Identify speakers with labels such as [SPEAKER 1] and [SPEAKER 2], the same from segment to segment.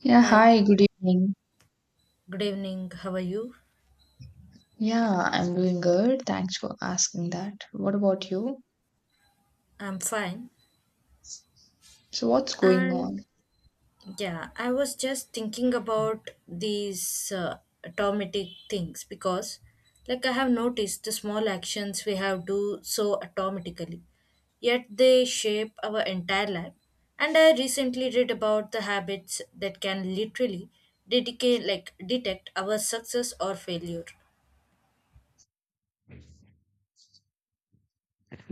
[SPEAKER 1] Yeah,
[SPEAKER 2] Hi,
[SPEAKER 1] hi, good evening.
[SPEAKER 2] good evening. How are you?
[SPEAKER 1] Yeah, I'm doing good. Thanks for asking that. What about you?
[SPEAKER 2] I'm fine.
[SPEAKER 1] So, what's going
[SPEAKER 2] And
[SPEAKER 1] on?
[SPEAKER 2] yeah, I was just thinking about these automatic things because, like, I have noticed the small actions we have do so automatically, yet they shape our entire life. And I recently read about the habits that can literally detect our success or failure.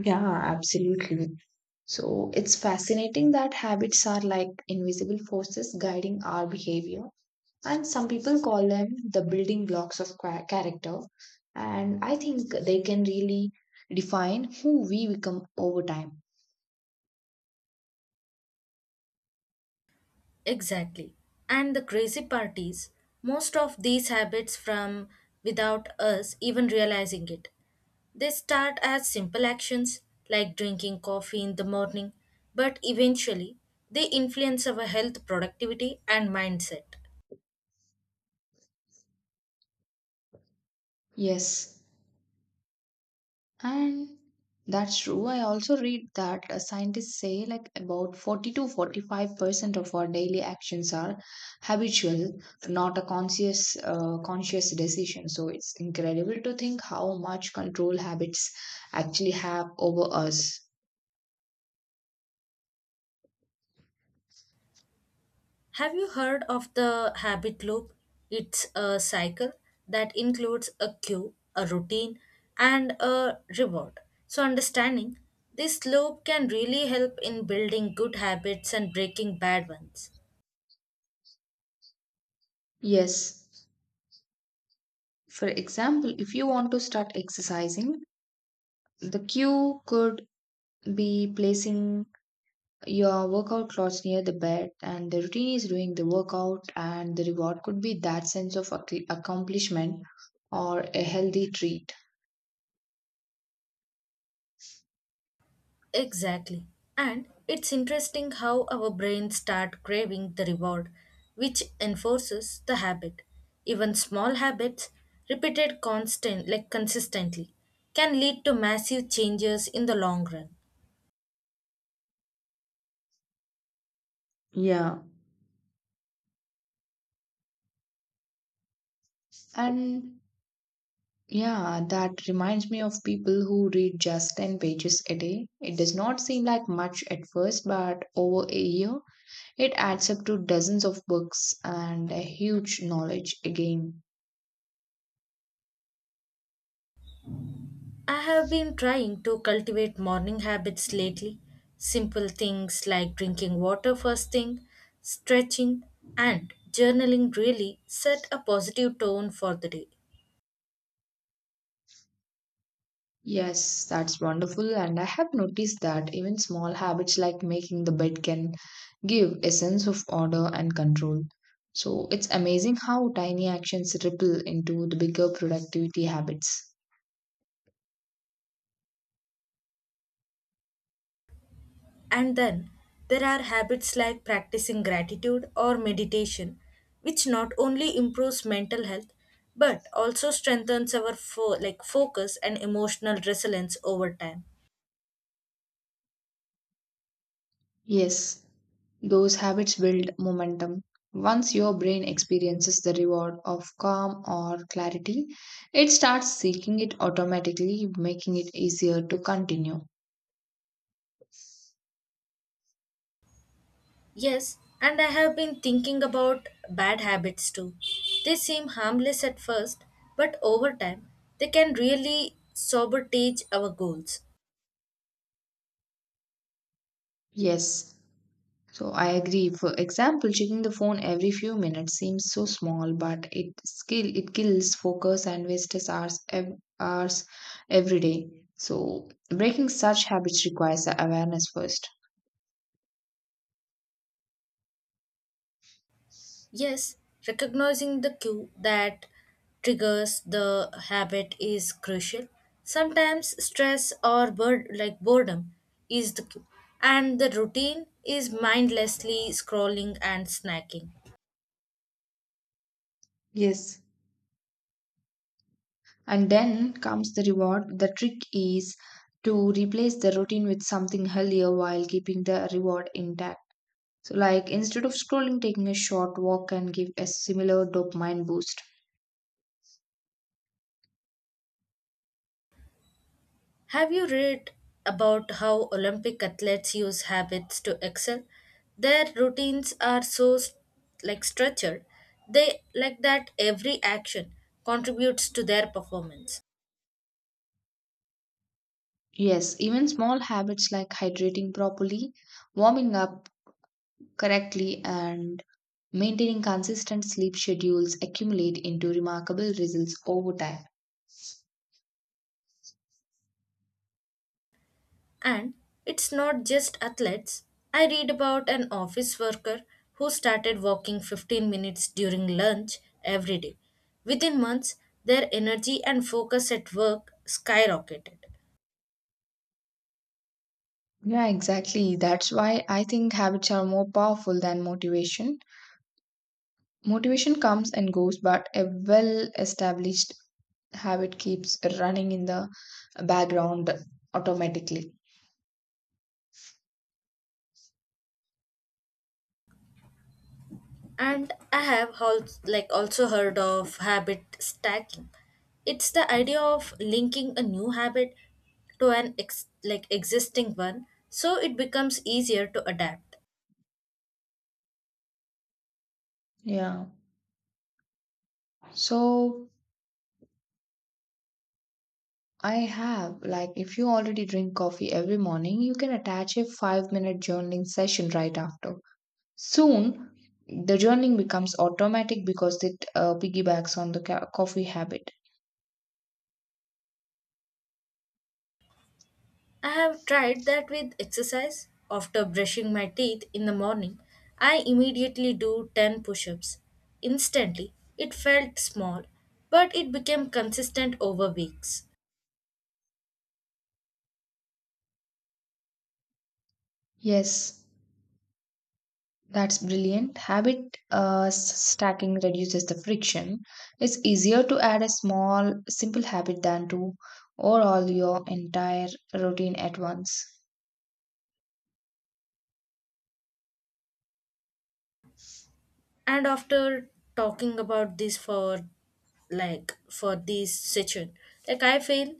[SPEAKER 1] Yeah, absolutely. So, it's fascinating that habits are like invisible forces guiding our behavior, and some people call them the building blocks of character. And I think they can really define who we become over time.
[SPEAKER 2] Exactly. And the crazy part is, most of these habits from without us even realizing it. They start as simple actions like drinking coffee in the morning, but eventually they influence our health, productivity, and mindset.
[SPEAKER 1] Yes, and that's true. I also read that scientists say, like, about 40 to 45% of our daily actions are habitual, not a conscious decision. So it's incredible to think how much control habits actually have over us.
[SPEAKER 2] Have you heard of the habit loop? It's a cycle that includes a cue, a routine, and a reward. So, understanding this loop can really help in building good habits and breaking bad ones.
[SPEAKER 1] Yes. For example, if you want to start exercising, the cue could be placing your workout clothes near the bed, and the routine is doing the workout, and the reward could be that sense of accomplishment or a healthy treat.
[SPEAKER 2] Exactly. And it's interesting how our brains start craving the reward, which enforces the habit. Even small habits, repeated constant like consistently, can lead to massive changes in the long run.
[SPEAKER 1] Yeah, and yeah that reminds me of people who read just 10 pages a day. It does not seem like much at first, but over a year it adds up to dozens of books and a huge knowledge again.
[SPEAKER 2] I have been trying to cultivate morning habits lately. Simple things like drinking water first thing, stretching, and journaling really set a positive tone for the day.
[SPEAKER 1] Yes, that's wonderful. And I have noticed that even small habits like making the bed can give a sense of order and control. So it's amazing how tiny actions ripple into the bigger productivity habits.
[SPEAKER 2] And then there are habits like practicing gratitude or meditation, which not only improves mental health but also strengthens our focus and emotional resilience over time.
[SPEAKER 1] Yes, those habits build momentum. Once your brain experiences the reward of calm or clarity, it starts seeking it automatically, making it easier to continue.
[SPEAKER 2] Yes, and I have been thinking about bad habits too. They seem harmless at first, but over time, they can really sabotage our goals.
[SPEAKER 1] Yes, so I agree. For example, checking the phone every few minutes seems so small, but it kills focus and wastes hours every day. So breaking such habits requires the awareness first.
[SPEAKER 2] Yes, recognizing the cue that triggers the habit is crucial. Sometimes stress or bird like boredom is the cue, and the routine is mindlessly scrolling and snacking.
[SPEAKER 1] Yes. And then comes the reward. The trick is to replace the routine with something healthier while keeping the reward intact. So, like, instead of scrolling, taking a short walk can give a similar dopamine boost.
[SPEAKER 2] Have you read about how Olympic athletes use habits to excel? Their routines are so structured. They like that every action contributes to their performance.
[SPEAKER 1] Yes, even small habits like hydrating properly, warming up correctly, and maintaining consistent sleep schedules accumulate into remarkable results over time.
[SPEAKER 2] And it's not just athletes. I read about an office worker who started walking 15 minutes during lunch every day. Within months, their energy and focus at work skyrocketed.
[SPEAKER 1] Yeah, exactly. That's why I think habits are more powerful than motivation. Motivation comes and goes, but a well established habit keeps running in the background automatically.
[SPEAKER 2] And I have also heard of habit stacking. It's the idea of linking a new habit to an existing one so it becomes easier to adapt.
[SPEAKER 1] Yeah. So, like, if you already drink coffee every morning, you can attach a 5-minute journaling session right after. Soon, the journaling becomes automatic because it piggybacks on the coffee habit.
[SPEAKER 2] I have tried that with exercise. After brushing my teeth in the morning, I immediately do 10 push-ups. Instantly, it felt small, but it became consistent over weeks.
[SPEAKER 1] Yes, that's brilliant. Habit stacking reduces the friction. It's easier to add a small, simple habit than to overhaul your entire routine at once.
[SPEAKER 2] And after talking about this for this session, like, I feel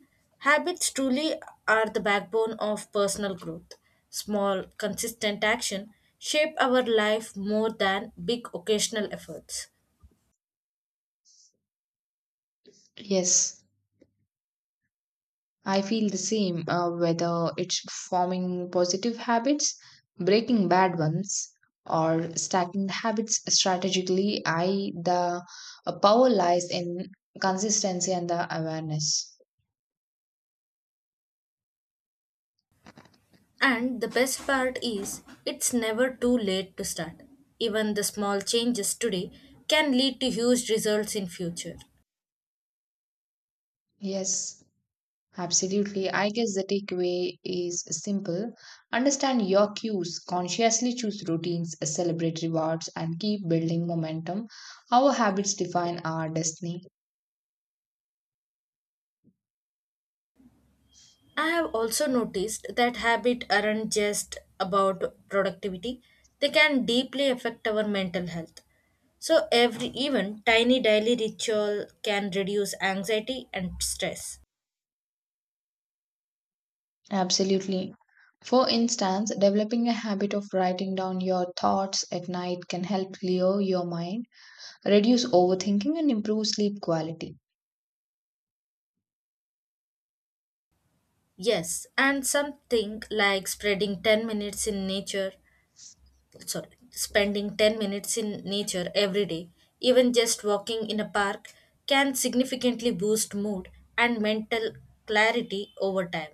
[SPEAKER 2] habits truly are the backbone of personal growth. Small consistent action shape our life more than big occasional efforts.
[SPEAKER 1] Yes. I feel the same, whether it's forming positive habits, breaking bad ones, or stacking the habits strategically. I the power lies in consistency and the awareness.
[SPEAKER 2] And the best part is, it's never too late to start. Even the small changes today can lead to huge results in future.
[SPEAKER 1] Yes, absolutely. I guess the takeaway is simple: understand your cues, consciously choose routines, celebrate rewards, and keep building momentum. Our habits define our destiny.
[SPEAKER 2] I have also noticed that habits aren't just about productivity, they can deeply affect our mental health. So, every even tiny daily ritual can reduce anxiety and stress.
[SPEAKER 1] Absolutely. For instance, developing a habit of writing down your thoughts at night can help clear your mind, reduce overthinking, and improve sleep quality.
[SPEAKER 2] Yes, and something like spreading 10 minutes in nature, sorry, spending 10 minutes in nature every day, even just walking in a park, can significantly boost mood and mental clarity over time.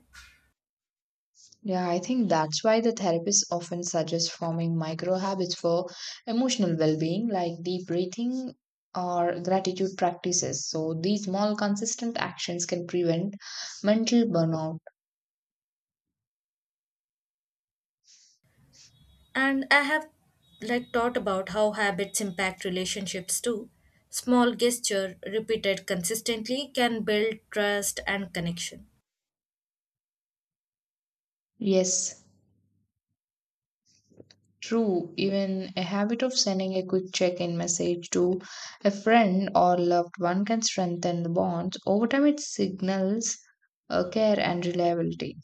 [SPEAKER 1] Yeah, I think that's why the therapists often suggest forming micro habits for emotional well being, like deep breathing or gratitude practices. So, these small, consistent actions can prevent mental burnout.
[SPEAKER 2] And I have like thought about how habits impact relationships too. Small gesture repeated consistently can build trust and connection.
[SPEAKER 1] Yes, true, even a habit of sending a quick check in message to a friend or loved one can strengthen the bonds. Over time, it signals care and reliability.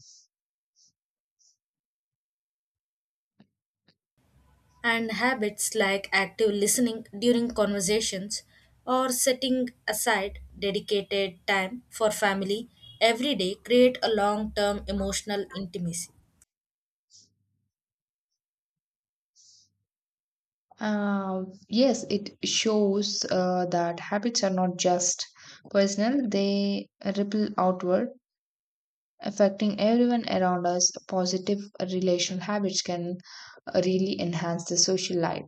[SPEAKER 2] And habits like active listening during conversations or setting aside dedicated time for family every day create a long-term emotional intimacy.
[SPEAKER 1] Yes, it shows that habits are not just personal, they ripple outward, affecting everyone around us. Positive relational habits can really enhance the social life.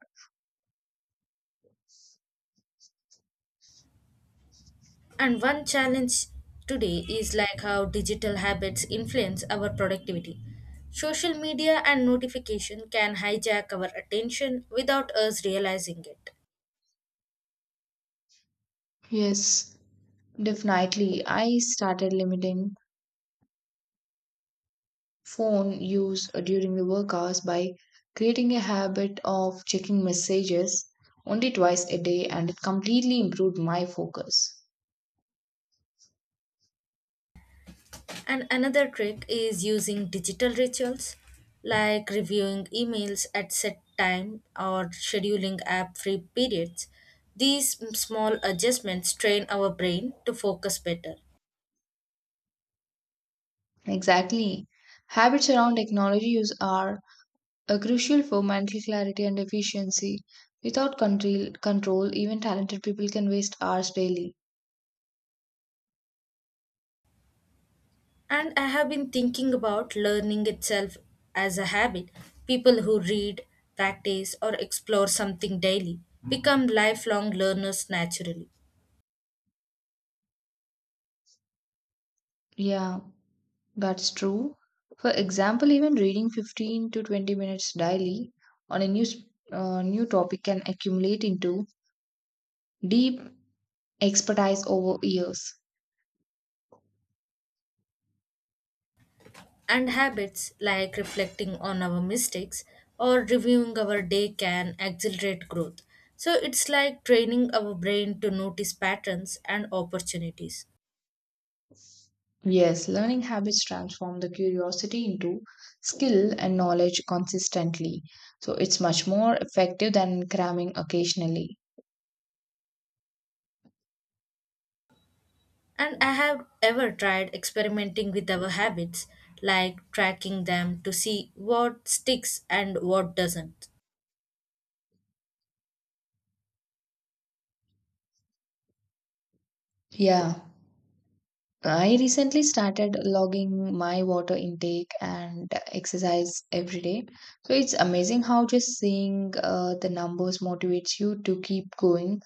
[SPEAKER 2] And one challenge today is like how digital habits influence our productivity. Social media and notification can hijack our attention without us realizing it.
[SPEAKER 1] Yes, definitely. I started limiting phone use during the work hours by creating a habit of checking messages only twice a day, and it completely improved my focus.
[SPEAKER 2] And another trick is using digital rituals like reviewing emails at set time or scheduling app free periods. These small adjustments train our brain to focus better.
[SPEAKER 1] Exactly. Habits around technology use are crucial for mental clarity and efficiency. Without control, even talented people can waste hours daily.
[SPEAKER 2] And I have been thinking about learning itself as a habit. People who read, practice, or explore something daily become lifelong learners naturally.
[SPEAKER 1] Yeah, that's true. For example, even reading 15 to 20 minutes daily on a new topic can accumulate into deep expertise over years.
[SPEAKER 2] And habits like reflecting on our mistakes or reviewing our day can accelerate growth. So it's like training our brain to notice patterns and opportunities.
[SPEAKER 1] Yes, learning habits transform the curiosity into skill and knowledge consistently. So it's much more effective than cramming occasionally.
[SPEAKER 2] And I have ever tried experimenting with our habits, like tracking them to see what sticks and what doesn't.
[SPEAKER 1] Yeah. I recently started logging my water intake and exercise every day. So it's amazing how just seeing the numbers motivates you to keep going.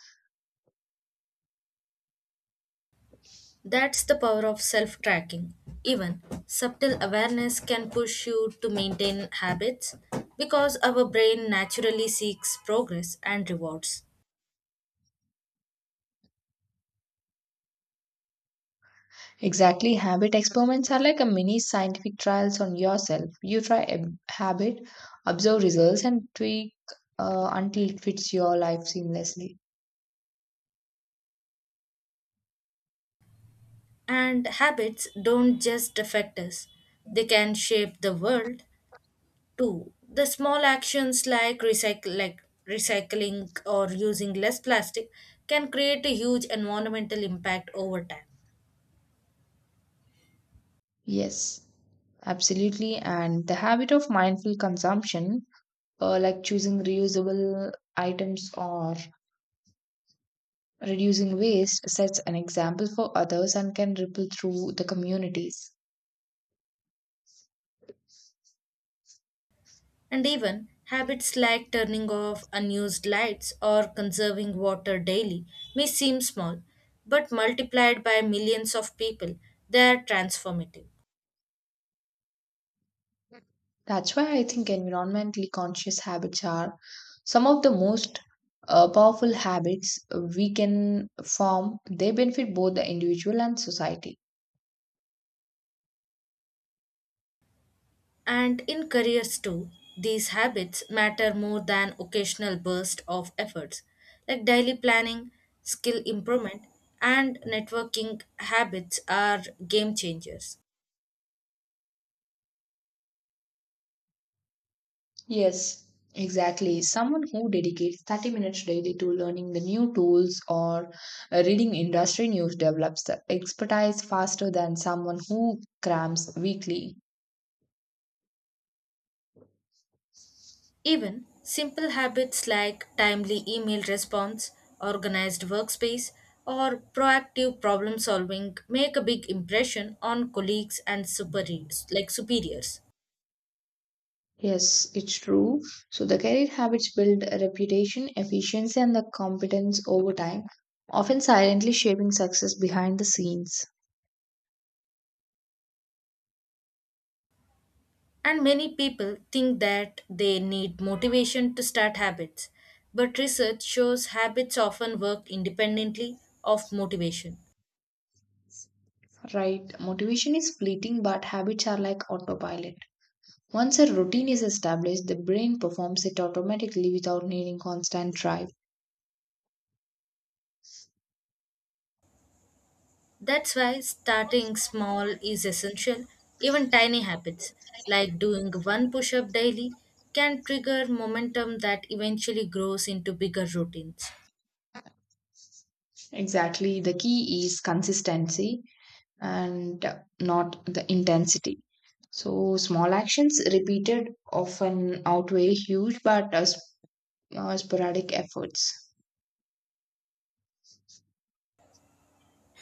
[SPEAKER 2] That's the power of self tracking. Even subtle awareness can push you to maintain habits because our brain naturally seeks progress and rewards.
[SPEAKER 1] Exactly. Habit experiments are like a mini scientific trials on yourself. You try a habit, observe results, and tweak until it fits your life seamlessly.
[SPEAKER 2] And habits don't just affect us, they can shape the world too. The small actions like, recycling or using less plastic can create a huge environmental impact over time.
[SPEAKER 1] Yes, absolutely. And the habit of mindful consumption, like choosing reusable items or reducing waste, sets an example for others and can ripple through the communities.
[SPEAKER 2] And even habits like turning off unused lights or conserving water daily may seem small, but multiplied by millions of people, they are transformative.
[SPEAKER 1] That's why I think environmentally conscious habits are some of the most powerful habits we can form. They benefit both the individual and society.
[SPEAKER 2] And in careers too, these habits matter more than occasional bursts of efforts. Like daily planning, skill improvement, and networking habits are game changers.
[SPEAKER 1] Yes, exactly. Someone who dedicates 30 minutes daily to learning the new tools or reading industry news develops the expertise faster than someone who crams weekly.
[SPEAKER 2] Even simple habits like timely email response, organized workspace, or proactive problem solving make a big impression on colleagues and superiors.
[SPEAKER 1] Yes, it's true. So the career habits build a reputation, efficiency, and the competence over time, often silently shaping success behind the scenes.
[SPEAKER 2] And many people think that they need motivation to start habits, but research shows habits often work independently of motivation.
[SPEAKER 1] Right. Motivation is fleeting, but habits are like autopilot. Once a routine is established, the brain performs it automatically without needing constant drive.
[SPEAKER 2] That's why starting small is essential. Even tiny habits like doing one push up daily can trigger momentum that eventually grows into bigger routines.
[SPEAKER 1] Exactly. The key is consistency and not the intensity. So small actions repeated often outweigh huge but sporadic efforts.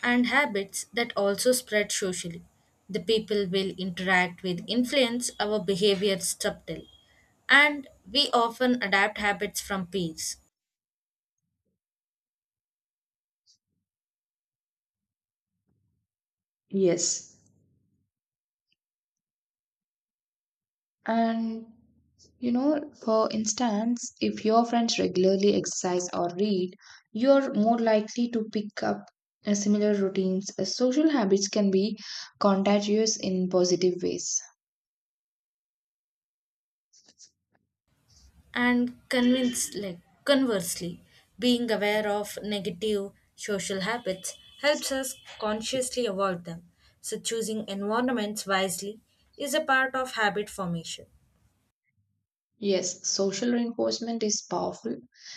[SPEAKER 2] And habits that also spread socially. The people will interact with influence our behavior subtly, and we often adapt habits from peers.
[SPEAKER 1] Yes. And for instance, if your friends regularly exercise or read, you're more likely to pick up similar routines. Social habits can be contagious in positive ways.
[SPEAKER 2] And conversely, being aware of negative social habits helps us consciously avoid them. So, choosing environments wisely is a part of habit formation.
[SPEAKER 1] Yes, social reinforcement is powerful.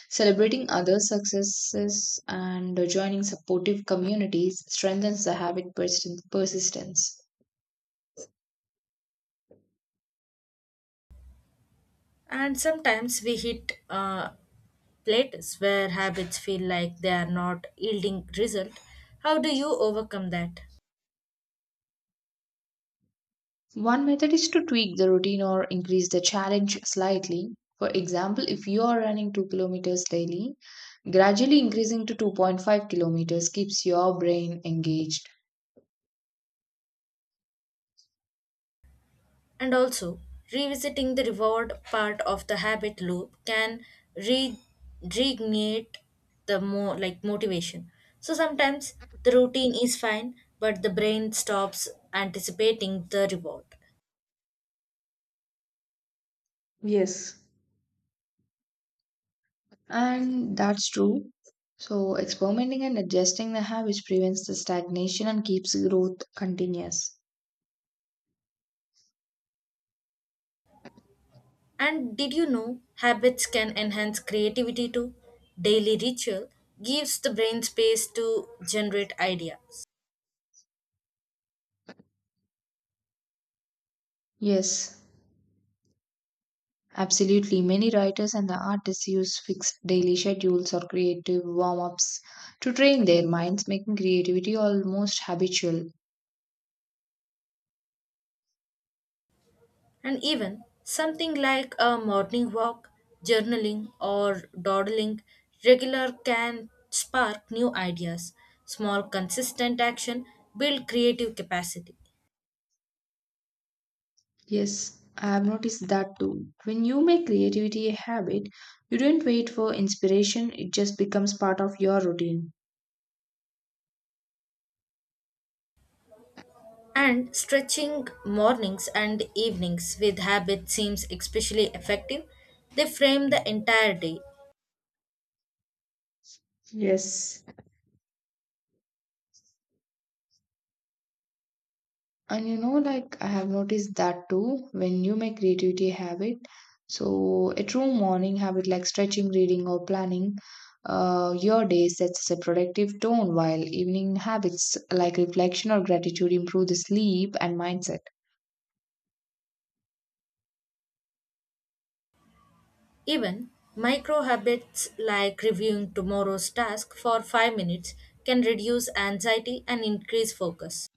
[SPEAKER 1] Celebrating others' successes and joining supportive communities strengthens the persistence.
[SPEAKER 2] And sometimes we hit plateaus where habits feel like they are not yielding result. How do you overcome that?
[SPEAKER 1] One method is to tweak the routine or increase the challenge slightly. For example, if you are running 2 kilometers daily, gradually increasing to 2.5 kilometers keeps your brain engaged.
[SPEAKER 2] And also, revisiting the reward part of the habit loop can re- reignite the more like motivation. So sometimes the routine is fine, but the brain stops anticipating the reward.
[SPEAKER 1] Yes, and that's true. So, experimenting and adjusting the habits prevents the stagnation and keeps growth continuous.
[SPEAKER 2] And did you know habits can enhance creativity too? Daily ritual gives the brain space to generate ideas.
[SPEAKER 1] Yes, absolutely. Many writers and the artists use fixed daily schedules or creative warm ups to train their minds, making creativity almost habitual.
[SPEAKER 2] And even something like a morning walk, journaling, or dawdling regular can spark new ideas. Small, consistent action build creative capacity.
[SPEAKER 1] Yes, I have noticed that too. When you make creativity a habit, you don't wait for inspiration, it just becomes part of your routine.
[SPEAKER 2] And stretching mornings and evenings with habit seems especially effective. They frame the entire day.
[SPEAKER 1] Yes. And like, I have noticed that too when you make creativity a habit. So, a true morning habit like stretching, reading, or planning your day sets a productive tone, while evening habits like reflection or gratitude improve the sleep and mindset.
[SPEAKER 2] Even micro habits like reviewing tomorrow's task for 5 minutes can reduce anxiety and increase focus.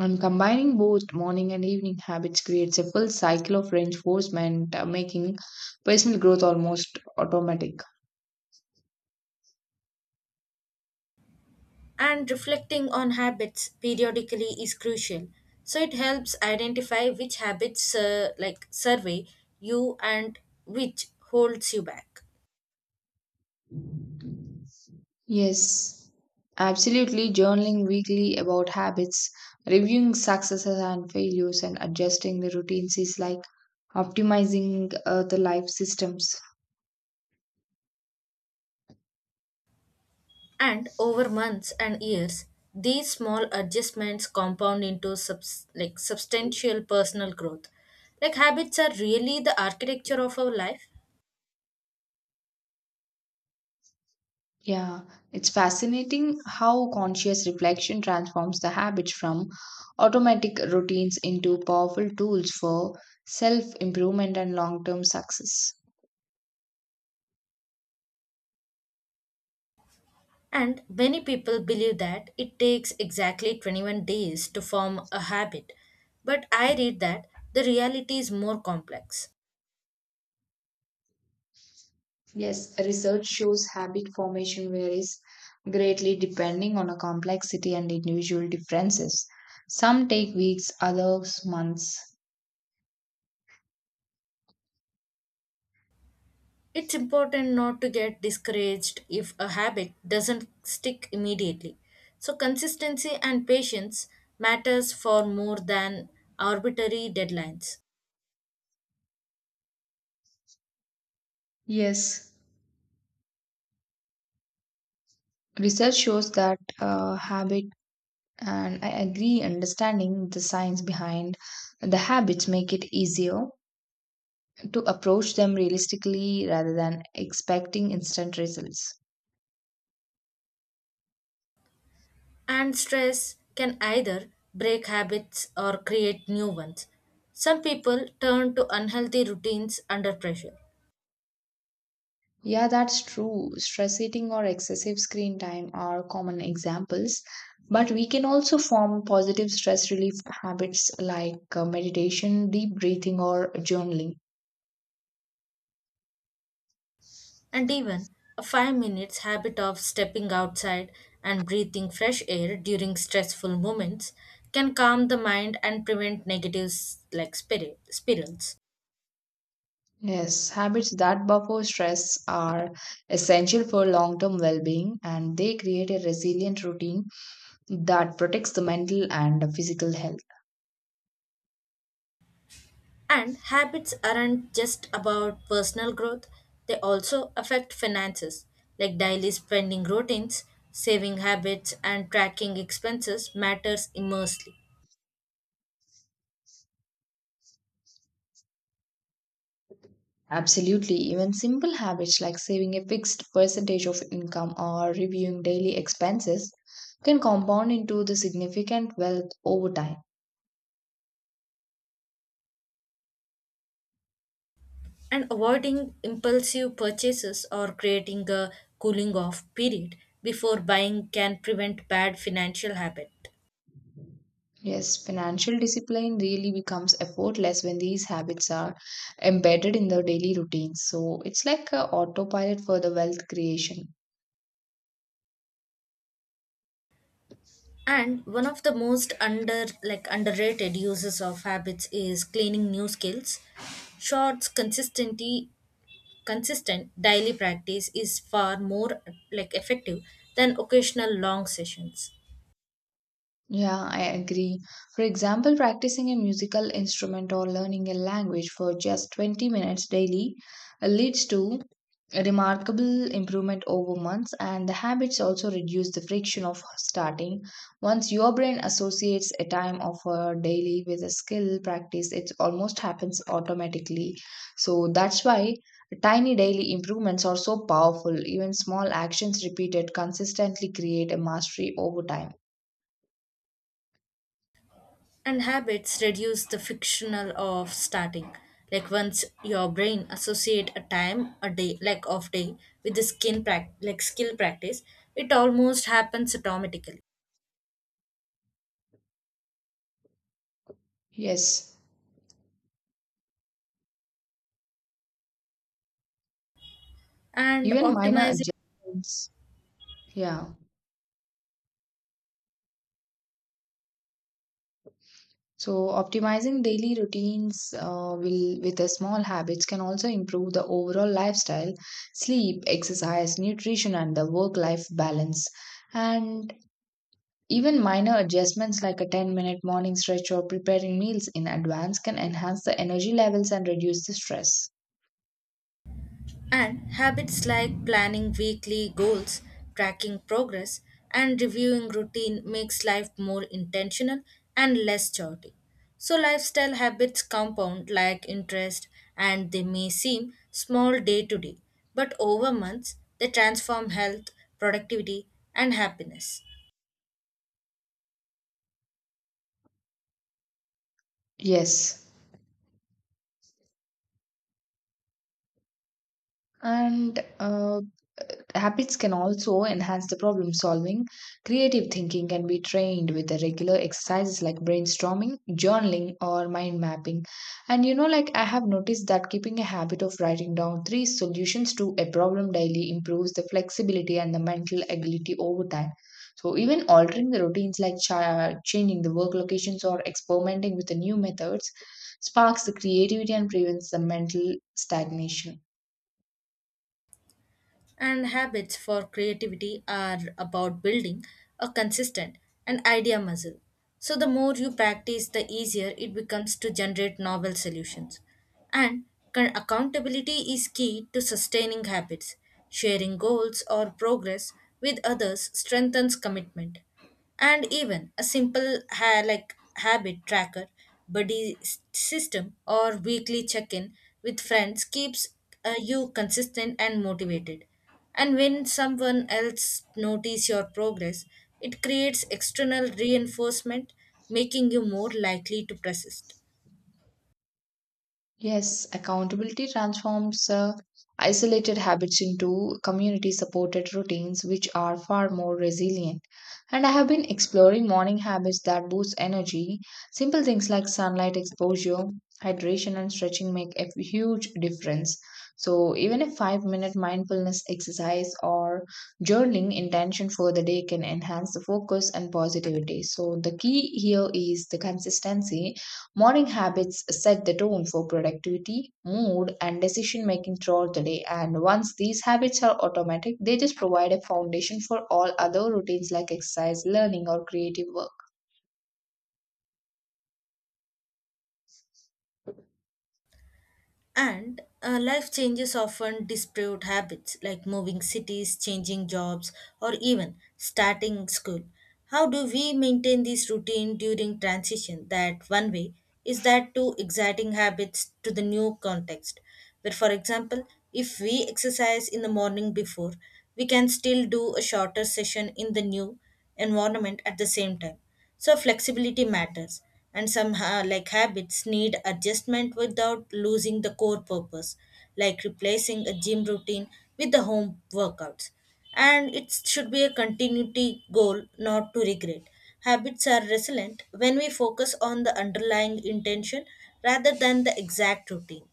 [SPEAKER 1] And combining both morning and evening habits creates a full cycle of reinforcement, making personal growth almost automatic.
[SPEAKER 2] And reflecting on habits periodically is crucial, so it helps identify which habits like survey you and which holds you back.
[SPEAKER 1] Yes, absolutely. Journaling weekly about habits, reviewing successes and failures, and adjusting the routines is like optimizing the life systems.
[SPEAKER 2] And over months and years these small adjustments compound into substantial personal growth. Like habits are really the architecture of our life.
[SPEAKER 1] Yeah, it's fascinating how conscious reflection transforms the habits from automatic routines into powerful tools for self improvement and long term success.
[SPEAKER 2] And many people believe that it takes exactly 21 days to form a habit. But I read that the reality is more complex.
[SPEAKER 1] Yes, research shows habit formation varies greatly depending on a complexity and individual differences. Some take weeks, others months.
[SPEAKER 2] It's important not to get discouraged if a habit doesn't stick immediately. So consistency and patience matters for more than arbitrary deadlines.
[SPEAKER 1] Yes, research shows that habit, and I agree, understanding the science behind the habits make it easier to approach them realistically rather than expecting instant results.
[SPEAKER 2] And stress can either break habits or create new ones. Some people turn to unhealthy routines under pressure.
[SPEAKER 1] Yeah, that's true. Stress eating or excessive screen time are common examples, but we can also form positive stress relief habits like meditation, deep breathing, or journaling.
[SPEAKER 2] And even a 5 minutes habit of stepping outside and breathing fresh air during stressful moments can calm the mind and prevent negative like spirals.
[SPEAKER 1] Yes, habits that buffer stress are essential for long term well being, and they create a resilient routine that protects the mental and physical health.
[SPEAKER 2] And habits aren't just about personal growth, they also affect finances, like daily spending routines, saving habits and tracking expenses matters immensely.
[SPEAKER 1] Absolutely. Even simple habits like saving a fixed percentage of income or reviewing daily expenses can compound into the significant wealth over time.
[SPEAKER 2] And avoiding impulsive purchases or creating a cooling off period before buying can prevent bad financial habit.
[SPEAKER 1] Yes, financial discipline really becomes effortless when these habits are embedded in the daily routine. So it's like a autopilot for the wealth creation.
[SPEAKER 2] And one of the most under like underrated uses of habits is cleaning new skills. Shorts consistency consistent daily practice is far more like effective than occasional long sessions.
[SPEAKER 1] Yeah, I agree. For example, practicing a musical instrument or learning a language for just 20 minutes daily leads to a remarkable improvement over months, and the habits also reduce the friction of starting. Once your brain associates a time of a daily with a skill practice, it almost happens automatically. So that's why tiny daily improvements are so powerful. Even small actions repeated consistently create a mastery over time.
[SPEAKER 2] And habits reduce the fictional of starting, like once your brain associate a time a day like off day with the skin skill practice, it almost happens automatically.
[SPEAKER 1] Yes.
[SPEAKER 2] And
[SPEAKER 1] Even minor
[SPEAKER 2] optimizing.
[SPEAKER 1] adjustments. Yeah. So optimizing daily routines will with the small habits can also improve the overall lifestyle, sleep, exercise, nutrition, and the work-life balance. And even minor adjustments like a 10-minute morning stretch or preparing meals in advance can enhance the energy levels and reduce the stress.
[SPEAKER 2] And habits like planning weekly goals, tracking progress, and reviewing routine makes life more intentional and less chaotic. So lifestyle habits compound like interest and they may seem small day to day, but over months they transform health, productivity, and happiness.
[SPEAKER 1] Yes. And habits can also enhance the problem solving. Creative thinking can be trained with the regular exercises like brainstorming, journaling, or mind mapping. And like, I have noticed that keeping a habit of writing down three solutions to a problem daily improves the flexibility and the mental agility over time. So, even altering the routines like changing the work locations or experimenting with the new methods sparks the creativity and prevents the mental stagnation.
[SPEAKER 2] And habits for creativity are about building a consistent and idea muscle. So the more you practice, the easier it becomes to generate novel solutions. And accountability is key to sustaining habits. Sharing goals or progress with others strengthens commitment, and even a simple habit tracker buddy s- system or weekly check-in with friends keeps you consistent and motivated. And when someone else notice your progress, it creates external reinforcement, making you more likely to persist.
[SPEAKER 1] Yes, accountability transforms isolated habits into community supported routines, which are far more resilient. And I have been exploring morning habits that boost energy. Simple things like sunlight exposure, hydration, and stretching make a huge difference. So, even a 5-minute mindfulness exercise or journaling intention for the day can enhance the focus and positivity. So, the key here is the consistency. Morning habits set the tone for productivity, mood, and decision making throughout the day. And once these habits are automatic, they just provide a foundation for all other routines like exercise, learning, or creative work.
[SPEAKER 2] And life changes often disproved habits like moving cities, changing jobs, or even starting school. How do we maintain this routine during transition? That one way is that to exciting habits to the new context. Where, for example, if we exercise in the morning before, we can still do a shorter session in the new environment at the same time. So flexibility matters, and some habits need adjustment without losing the core purpose, like replacing a gym routine with the home workouts. And it should be a continuity goal, not to regret. Habits are resilient when we focus on the underlying intention rather than the exact routine.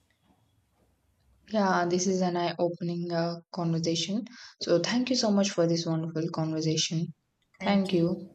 [SPEAKER 1] Yeah, this is an eye opening conversation. So, thank you so much for this wonderful conversation. Thank
[SPEAKER 2] Thank you.
[SPEAKER 1] you.